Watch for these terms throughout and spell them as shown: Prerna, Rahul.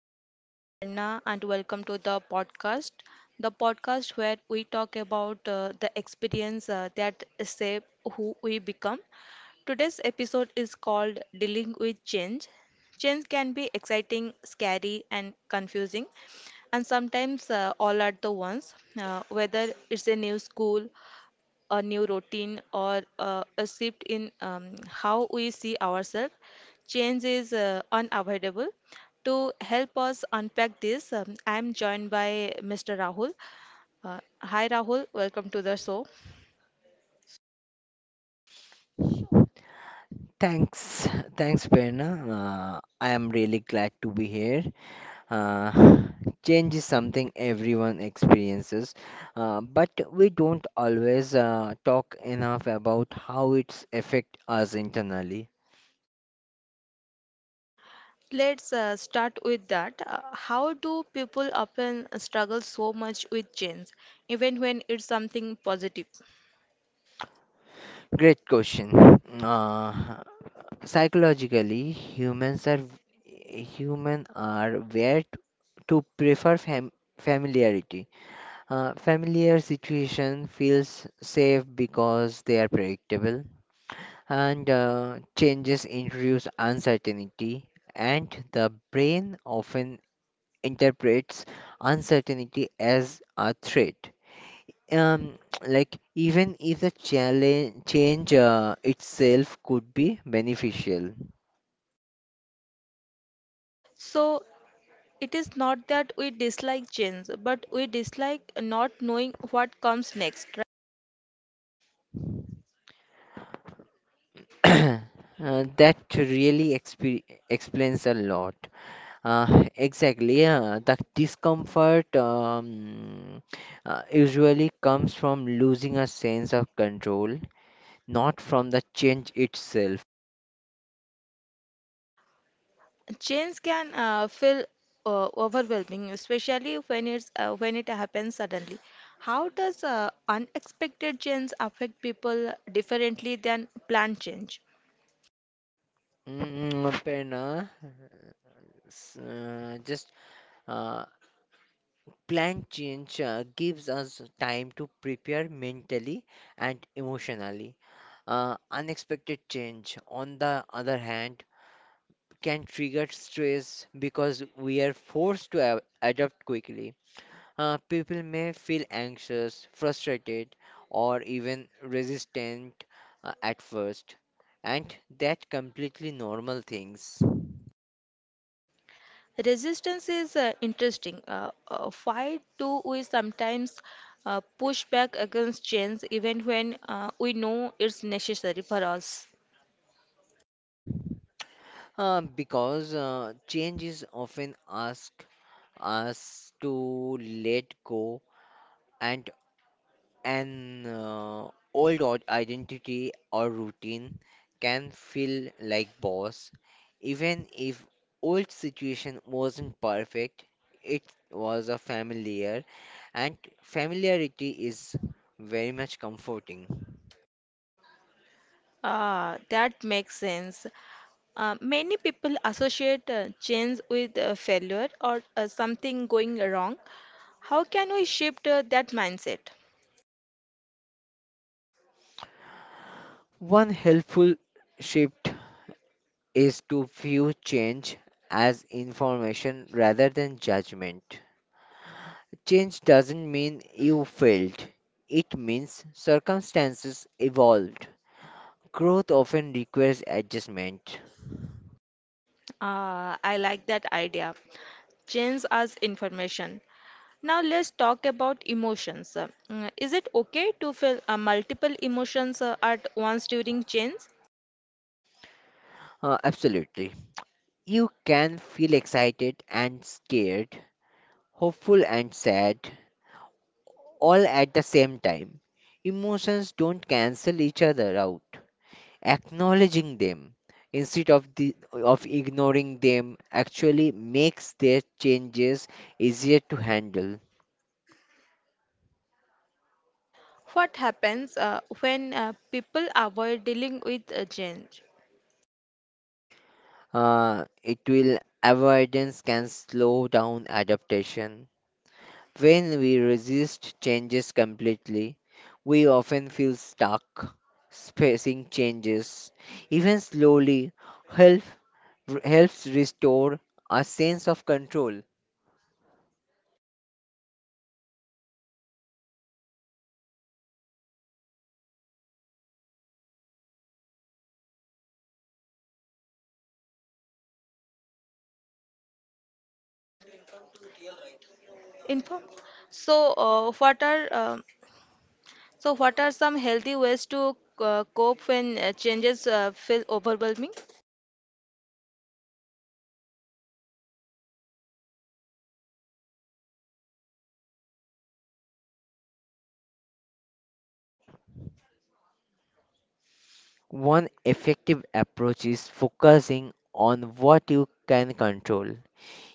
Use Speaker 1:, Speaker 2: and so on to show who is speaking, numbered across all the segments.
Speaker 1: I'm your host Prerna and welcome to the podcast. The podcast where we talk about the experience that shape who we become. Today's episode is called Dealing with Change. Change can be exciting, scary and confusing and sometimes all at the once, whether it's a new school, a new routine, or a shift in how we see ourselves. Change is unavoidable. To help us unpack this, I am joined by Mr. Rahul. Hi, Rahul. Welcome to the show.
Speaker 2: Thanks, Prerna. I am really glad to be here. Uh, Change is something everyone experiences, but we don't always talk enough about how it's affect us internally.
Speaker 1: Let's start with that. How do people often struggle so much with change, even when it's something positive?
Speaker 2: Great question. Uh, Psychologically, humans are where to prefer familiarity. Familiar situation feels safe because they are predictable. And changes introduce uncertainty, and the brain often interprets uncertainty as a threat. Um, like even if the challenge change itself could be beneficial.
Speaker 1: So, it is not that we dislike change, but we dislike not knowing what comes next.
Speaker 2: That really explains a lot. Exactly, the discomfort usually comes from losing a sense of control, not from the change itself.
Speaker 1: Change can feel overwhelming, especially when it happens suddenly. How does unexpected change affect people differently than planned change?
Speaker 2: Mm, Prerna, s- just uh, plan change gives us time to prepare mentally and emotionally. Unexpected change, on the other hand, can trigger stress because we are forced to adapt quickly. People may feel anxious, frustrated, or even resistant at first, and that completely normal things.
Speaker 1: Resistance is interesting. Why do we sometimes push back against change even when we know it's necessary for us?
Speaker 2: Because change is often ask us to let go, and an old identity or routine can feel like boss. Even if old situation wasn't perfect, it was a familiar, and familiarity is very much comforting.
Speaker 1: Ah, that makes sense. Many people associate change with failure or something going wrong. How can we shift that mindset?
Speaker 2: One helpful shift is to view change as information rather than judgment. Change doesn't mean you failed, it means circumstances evolved. Growth often requires adjustment.
Speaker 1: I like that idea. Change as information. Now let's talk about emotions. Is it okay to feel multiple emotions at once during change?
Speaker 2: Absolutely. You can feel excited and scared, hopeful and sad, all at the same time. Emotions don't cancel each other out. Acknowledging them instead of ignoring them actually makes their changes easier to handle.
Speaker 1: What happens when people avoid dealing with change?
Speaker 2: It will Avoidance can slow down adaptation. When we resist changes completely, we often feel stuck. Facing changes, even slowly, help, helps restore a sense of control.
Speaker 1: Inform. So, uh, what are uh, So, what are some healthy ways to cope when changes feel overwhelming?
Speaker 2: One effective approach is focusing on what you can control.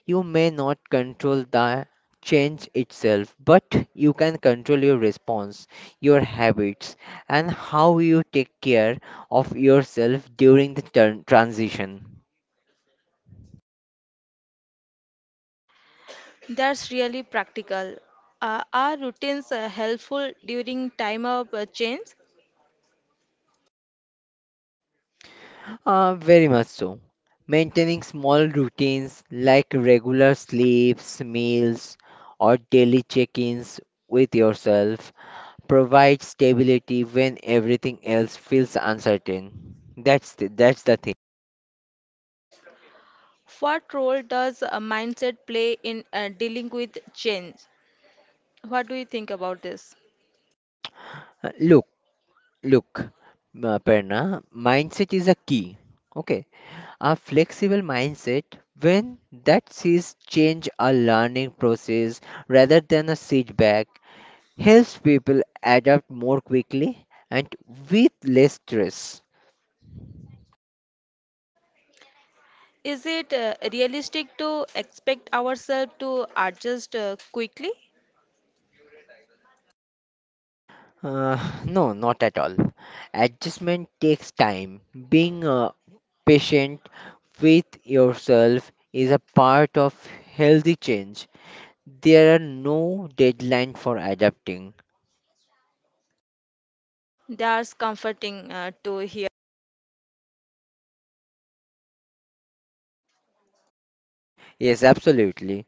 Speaker 2: You may not control the change itself, but you can control your response, your habits, and how you take care of yourself during the transition.
Speaker 1: That's really practical. Are routines helpful during time of change?
Speaker 2: Very much so. Maintaining small routines like regular sleeps, meals, or daily check ins with yourself provides stability when everything else feels uncertain. That's the thing.
Speaker 1: What role does a mindset play in dealing with change? What do you think about this?
Speaker 2: Uh, Look, Look, Perna, mindset is a key. Okay, a flexible mindset when that sees change a learning process rather than a setback helps people adapt more quickly and with less stress.
Speaker 1: Is it realistic to expect ourselves to adjust quickly?
Speaker 2: Uh, no, not at all. Adjustment takes time. Being patient with yourself is a part of healthy change. There are no deadline for adapting.
Speaker 1: That's comforting to hear.
Speaker 2: Yes, absolutely.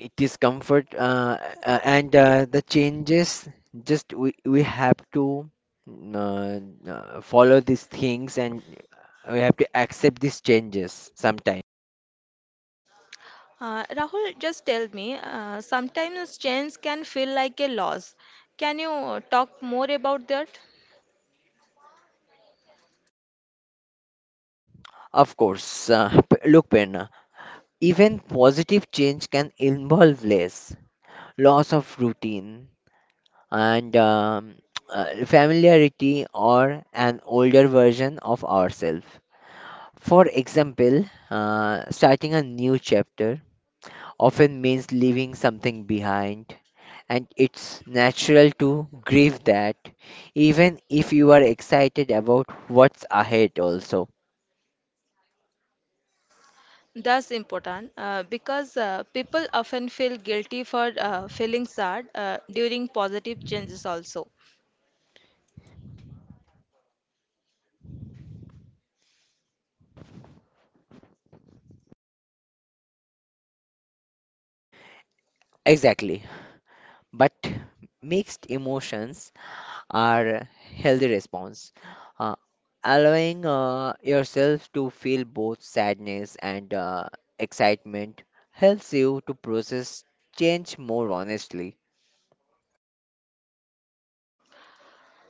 Speaker 2: It is comfort, and the changes. Just we have to uh, follow these things, and we have to accept these changes sometimes.
Speaker 1: Rahul, just tell me, sometimes change can feel like a loss. Can you talk more about that?
Speaker 2: Of course, look, Penna. Even positive change can involve less loss of routine and familiarity or an older version of ourselves. For example, starting a new chapter often means leaving something behind, and it's natural to grieve that, even if you are excited about what's ahead, also.
Speaker 1: That's important because people often feel guilty for feeling sad during positive changes also.
Speaker 2: Exactly. But mixed emotions are a healthy response. Uh, allowing yourself to feel both sadness and excitement helps you to process change more honestly.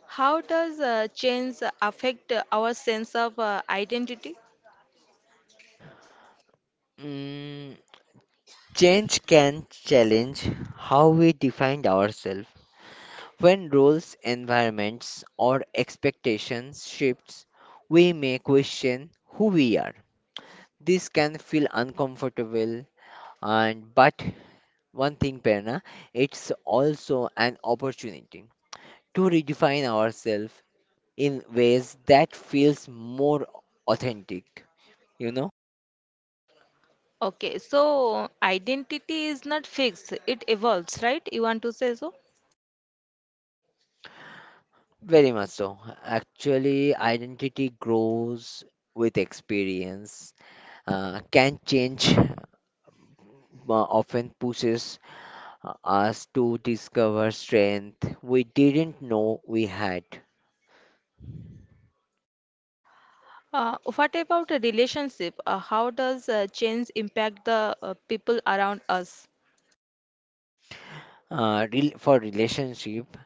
Speaker 1: How does change affect our sense of identity?
Speaker 2: Mm, change can challenge how we define ourselves. When roles, environments, or expectations shifts, we may question who we are. This can feel uncomfortable. And but One thing, Perna, it's also an opportunity to redefine ourselves in ways that feels more authentic. You know?
Speaker 1: Okay, so identity is not fixed, it evolves, right? You want to say so?
Speaker 2: Very much so. Actually, identity grows with experience. Can change often pushes us to discover strength we didn't know we had.
Speaker 1: What about a relationship? How does change impact the people around us?
Speaker 2: For relationship,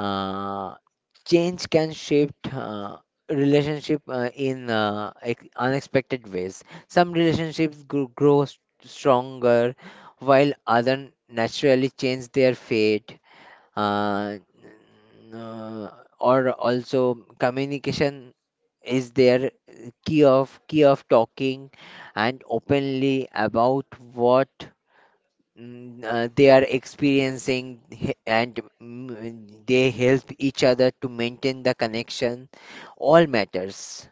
Speaker 2: uh, change can shift relationship in unexpected ways. Some relationships grow stronger, while other naturally change their fate. uh, uh, or also communication is their key of talking and openly about what they are experiencing, and they help each other to maintain the connection, all matters.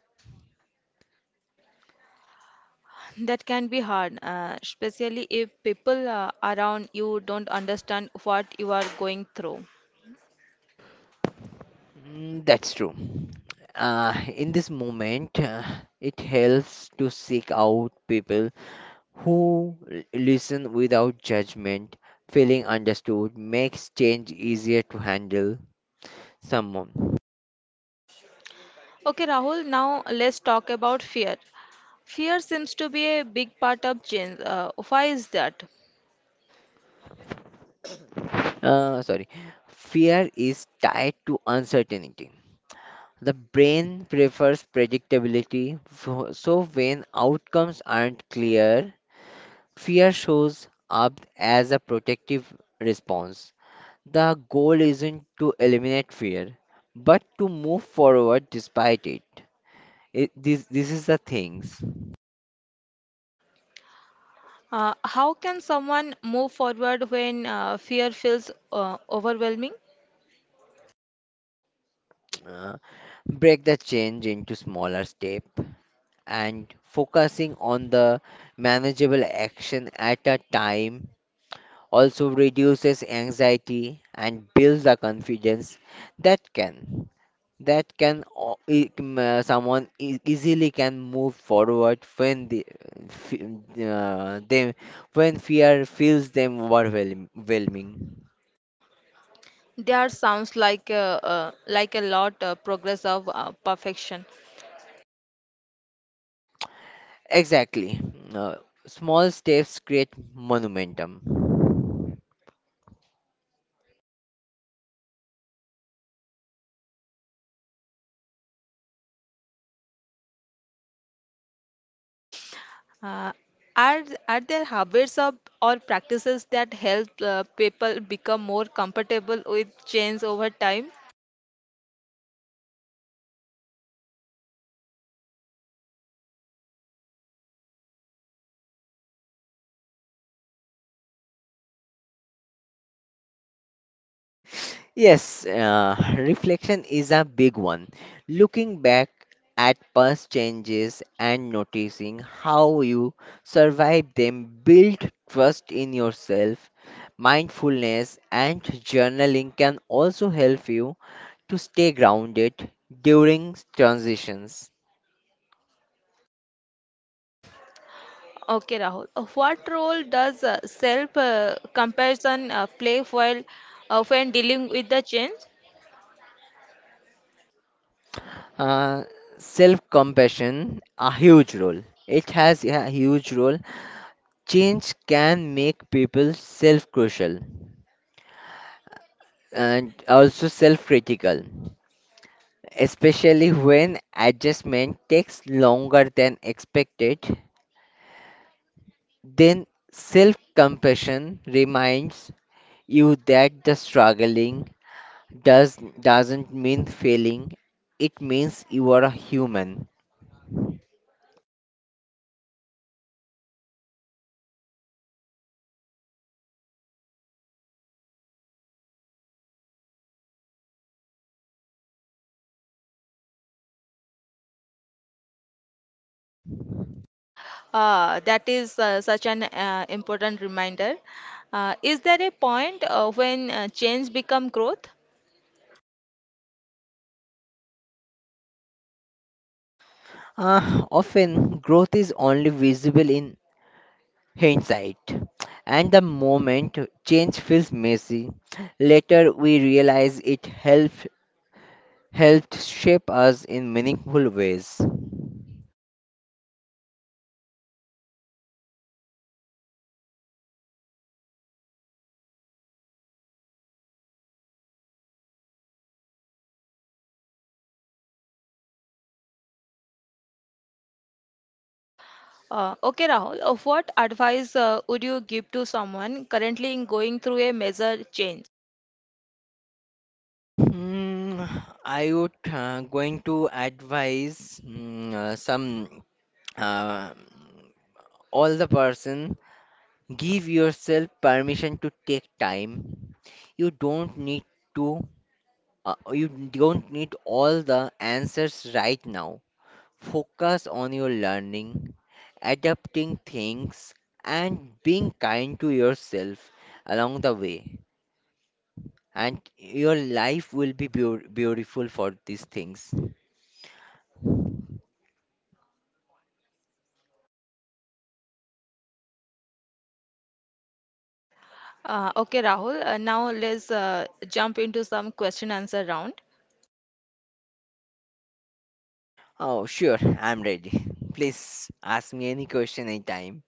Speaker 1: That can be hard, especially if people around you don't understand what you are going through.
Speaker 2: Mm, that's true. In this moment, it helps to seek out people who listen without judgment, feeling understood makes change easier to handle. Someone,
Speaker 1: Okay, Rahul, now let's talk about fear. Fear seems to be a big part of change. Why is that?
Speaker 2: uh, sorry, Fear is tied to uncertainty. The brain prefers predictability, so when outcomes aren't clear, fear shows up as a protective response. The goal isn't to eliminate fear, but to move forward despite it. This is the things.
Speaker 1: How can someone move forward when fear feels overwhelming?
Speaker 2: Uh, Break the change into smaller step and focusing on the manageable action at a time also reduces anxiety and builds the confidence that can that can someone easily can move forward when the f- they when fear feels them overwhelming.
Speaker 1: There sounds like like a lot progress of perfection.
Speaker 2: Exactly. Uh, Small steps create momentum.
Speaker 1: Uh, are there habits of, or practices that help people become more comfortable with change over time?
Speaker 2: Yes, reflection is a big one. Looking back at past changes and noticing how you survived them build trust in yourself. Mindfulness and journaling can also help you to stay grounded during transitions.
Speaker 1: Okay, Rahul. What role does self comparison play while when dealing with the change?
Speaker 2: Uh, Self-compassion a huge role. It has a huge role. Change can make people self-crucial, and also self critical, especially when adjustment takes longer than expected. Then self compassion reminds you that the struggling doesn't mean failing, it means you are a human.
Speaker 1: That is such an important reminder. Is there a point when change become growth?
Speaker 2: Ah, often growth is only visible in hindsight, and the moment change feels messy, later we realize it helped shape us in meaningful ways.
Speaker 1: Okay, Rahul. What advice would you give to someone currently going through a major change?
Speaker 2: Hmm, I would going to advise mm, some uh, all the person, give yourself permission to take time. You don't need to you don't need all the answers right now. Focus on your learning, adapting things, and being kind to yourself along the way. And your life will be beautiful for these things.
Speaker 1: Okay, Rahul. Now let's jump into some question answer round.
Speaker 2: Oh, sure, I'm ready. Please ask me any question anytime.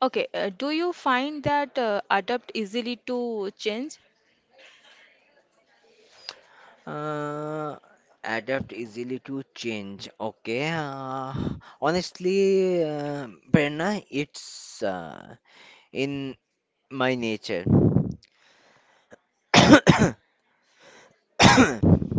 Speaker 1: Okay, do you find that adapt easily to change?
Speaker 2: Uh, Adapt easily to change. Okay. Honestly, Prerna, it's in my nature.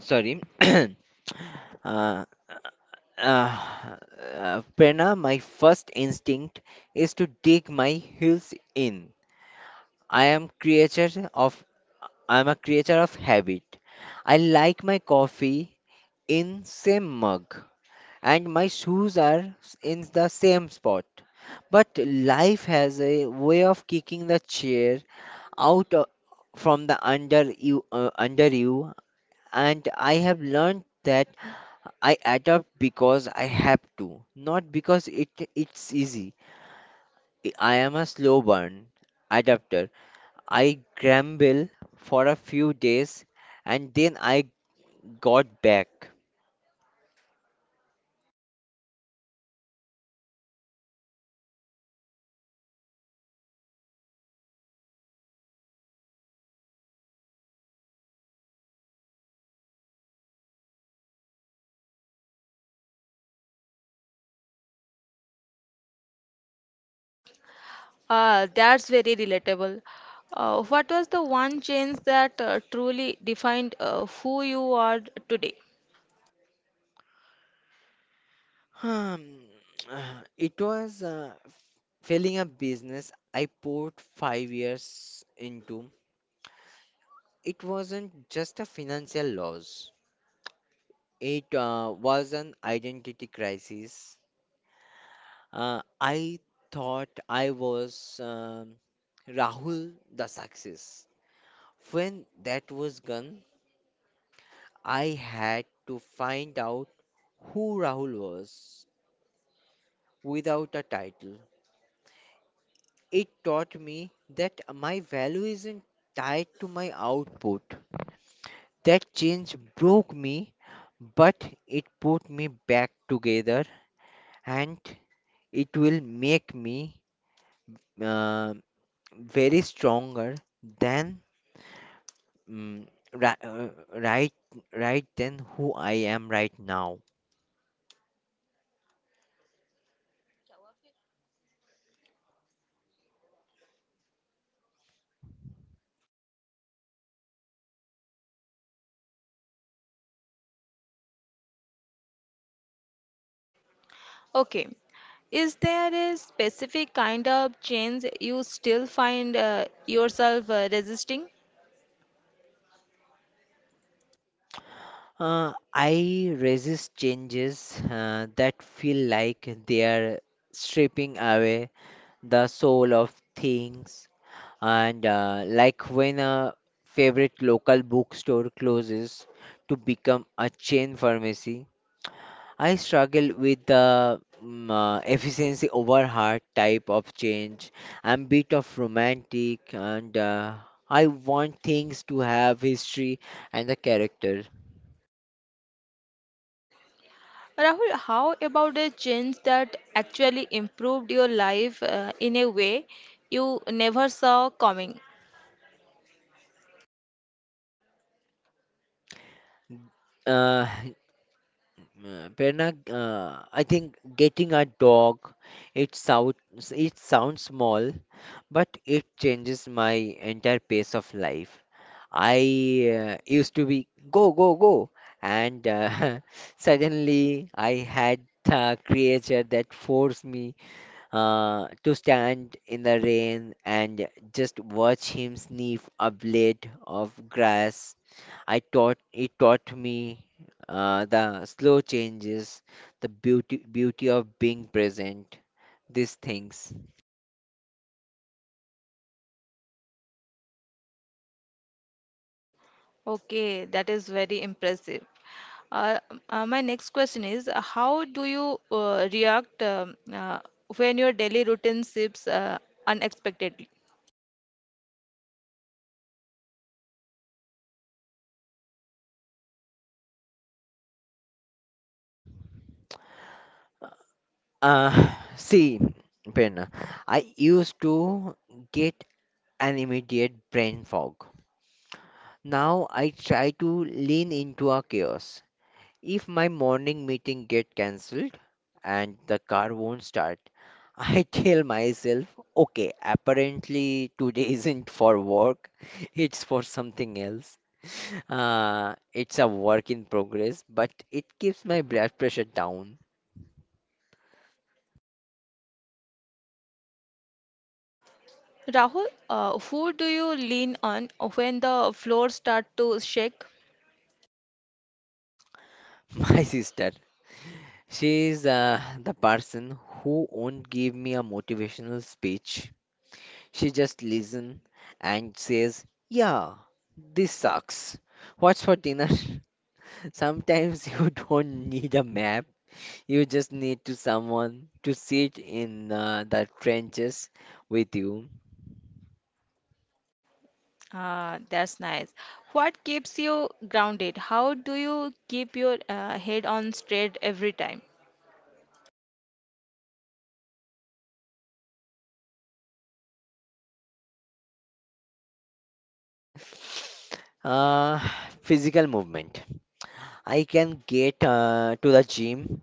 Speaker 2: Sorry. Uh, Prerna, my first instinct is to dig my heels in. I am creature of I am a creature of habit. I like my coffee in same mug, and my shoes are in the same spot. But life has a way of kicking the chair out o- from the under you under you, and I have learned that I adapt because I have to, not because it's easy. I am a slow burn adapter. I grumbled for a few days, and then I got back.
Speaker 1: That's very relatable. What was the one change that truly defined who you are today?
Speaker 2: Hmm, it was failing a business I poured 5 years into. It wasn't just a financial loss, it was an identity crisis. I thought I was Rahul the success. When that was gone, I had to find out who Rahul was without a title. It taught me that my value isn't tied to my output. That change broke me, but it put me back together, and it will make me uh, very stronger than mm, ri- uh, right right than who I am right now.
Speaker 1: Okay, is there a specific kind of change you still find yourself resisting?
Speaker 2: I resist changes that feel like they are stripping away the soul of things, and like when a favorite local bookstore closes to become a chain pharmacy. I struggle with the efficiency over heart type of change. I'm bit of romantic, and I want things to have history and a character.
Speaker 1: Rahul, how about a change that actually improved your life in a way you never saw coming?
Speaker 2: Uh, Prerna, I think getting a dog, it sounds small, but it changes my entire pace of life. I used to be go go go, and suddenly I had a creature that forced me to stand in the rain and just watch him sniff a blade of grass. I taught It taught me the slow changes, the beauty of being present, these things.
Speaker 1: Okay, that is very impressive. Uh, my next question is, how do you react when your daily routine shifts unexpectedly?
Speaker 2: Uh, See, Prerna, I used to get an immediate brain fog. Now I try to lean into a chaos. If my morning meeting get cancelled and the car won't start, I tell myself, okay, apparently today isn't for work, it's for something else. It's a work in progress, but it keeps my blood pressure down.
Speaker 1: Rahul, who do you lean on when the floor start to shake?
Speaker 2: My sister, she is the person who won't give me a motivational speech. She just listen and says, "Yeah, this sucks. What's for dinner?" Sometimes you don't need a map. You just need to someone to sit in the trenches with you.
Speaker 1: Ah, that's nice. What keeps you grounded? How do you keep your head on straight every time?
Speaker 2: Yeah. Uh, Physical movement. I can get to the gym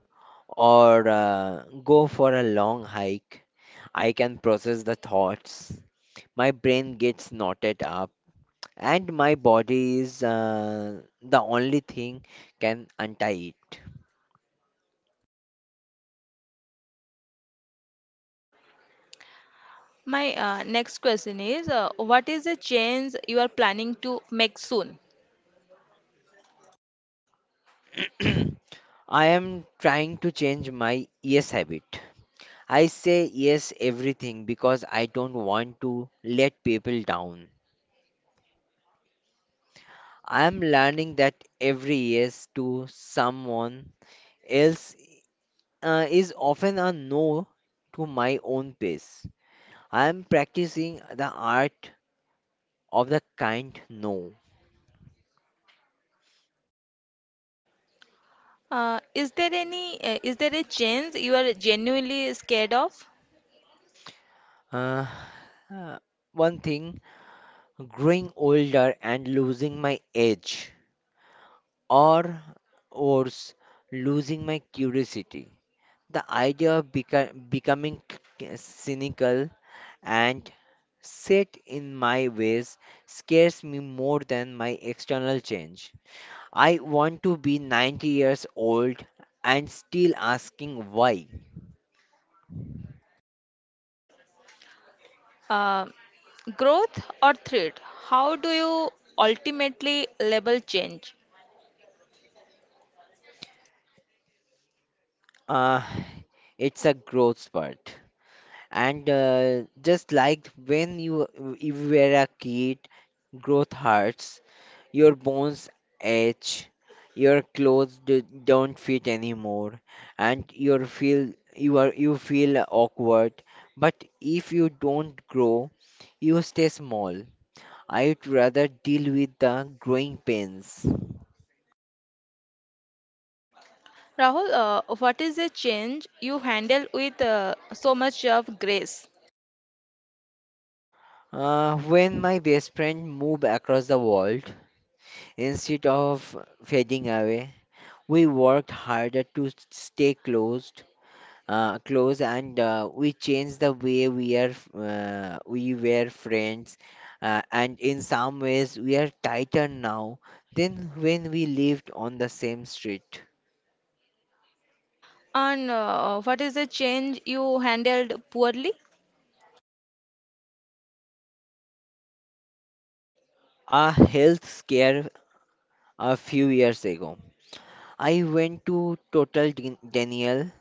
Speaker 2: or go for a long hike. I can process the thoughts. My brain gets knotted up, and my body is the only thing can untie it.
Speaker 1: My next question is, what is the change you are planning to make soon?
Speaker 2: I am trying to change my yes habit. I say yes everything because I don't want to let people down. I am learning that every yes to someone else is often a no to my own pace. I am practicing the art of the kind no.
Speaker 1: Is there a change you are genuinely scared of?
Speaker 2: Uh, uh, One thing, growing older and losing my edge, or worse, losing my curiosity. The idea of becoming cynical and set in my ways scares me more than my external change. I want to be 90 years old and still asking why.
Speaker 1: Uh, Growth or threat? How do you ultimately label change?
Speaker 2: Uh, it's a growth spurt. And just like you were a kid, growth hurts, your bones ache, your clothes don't fit anymore, and you feel awkward. But if you don't grow, you stay small. I'd rather deal with the growing pains.
Speaker 1: Rahul, what is the change you handle with so much of grace?
Speaker 2: When my best friend moved across the world, instead of fading away, we worked harder to stay closed, close, and we changed the way we were friends, and in some ways we are tighter now than when we lived on the same street.
Speaker 1: And what is the change you handled poorly?
Speaker 2: A health scare a few years ago, I went to Total Denial.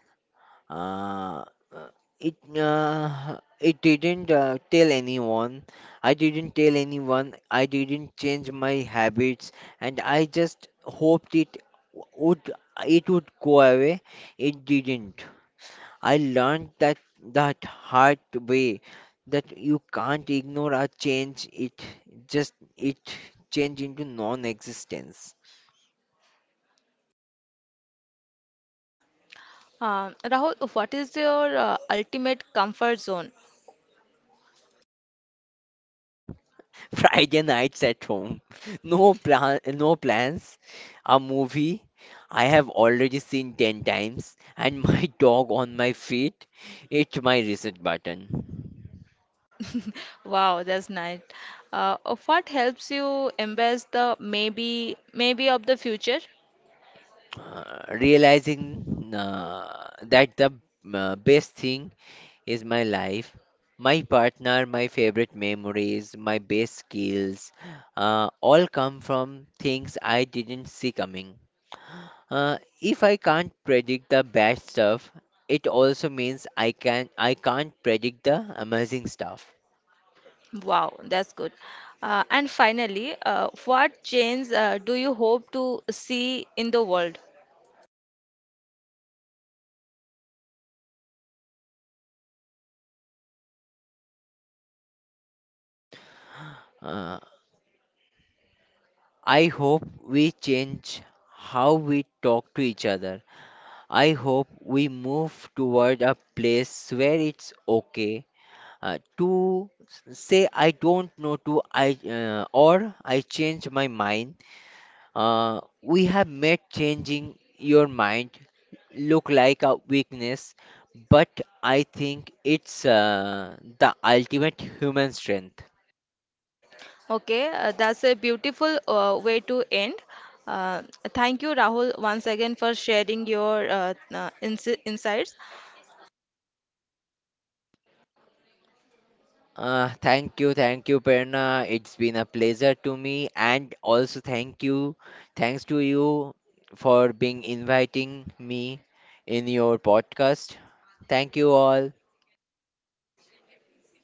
Speaker 2: Uh, uh, it it didn't tell anyone. I didn't tell anyone. I didn't change my habits, and I just hoped would it would go away. It didn't. I learned that that hard way, that you can't ignore a change it. Just it change into non-existence.
Speaker 1: Rahul, what is your ultimate comfort zone?
Speaker 2: Friday nights at home. No no plans. A movie I have already seen 10 times and my dog on my feet. It's my reset button.
Speaker 1: Wow, that's nice. Uh, what helps you embrace the maybe, maybe of the future?
Speaker 2: Realizing that the best thing is my life, my partner, my favorite memories, my best skills, all come from things I didn't see coming. If I can't predict the bad stuff, it also means I can't predict the amazing stuff.
Speaker 1: Wow, that's good. And finally, what change do you hope to see in the world?
Speaker 2: Uh, I hope we change how we talk to each other. I hope we move toward a place where it's okay to say I don't know to I, or I change my mind. We have made changing your mind look like a weakness, but I think it's the ultimate human strength.
Speaker 1: Okay, that's a beautiful way to end. Uh, Thank you, Rahul, once again for sharing your insights.
Speaker 2: Thank you, Perna. It's been a pleasure to me, and also thank you, thanks to you for being inviting me in your podcast. Thank you all.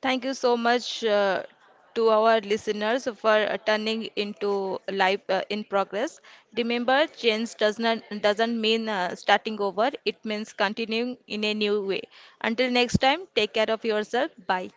Speaker 1: Thank you so much to our listeners for turning into life in progress. Remember, change doesn't mean starting over. It means continuing in a new way. Until next time, take care of yourself. Bye.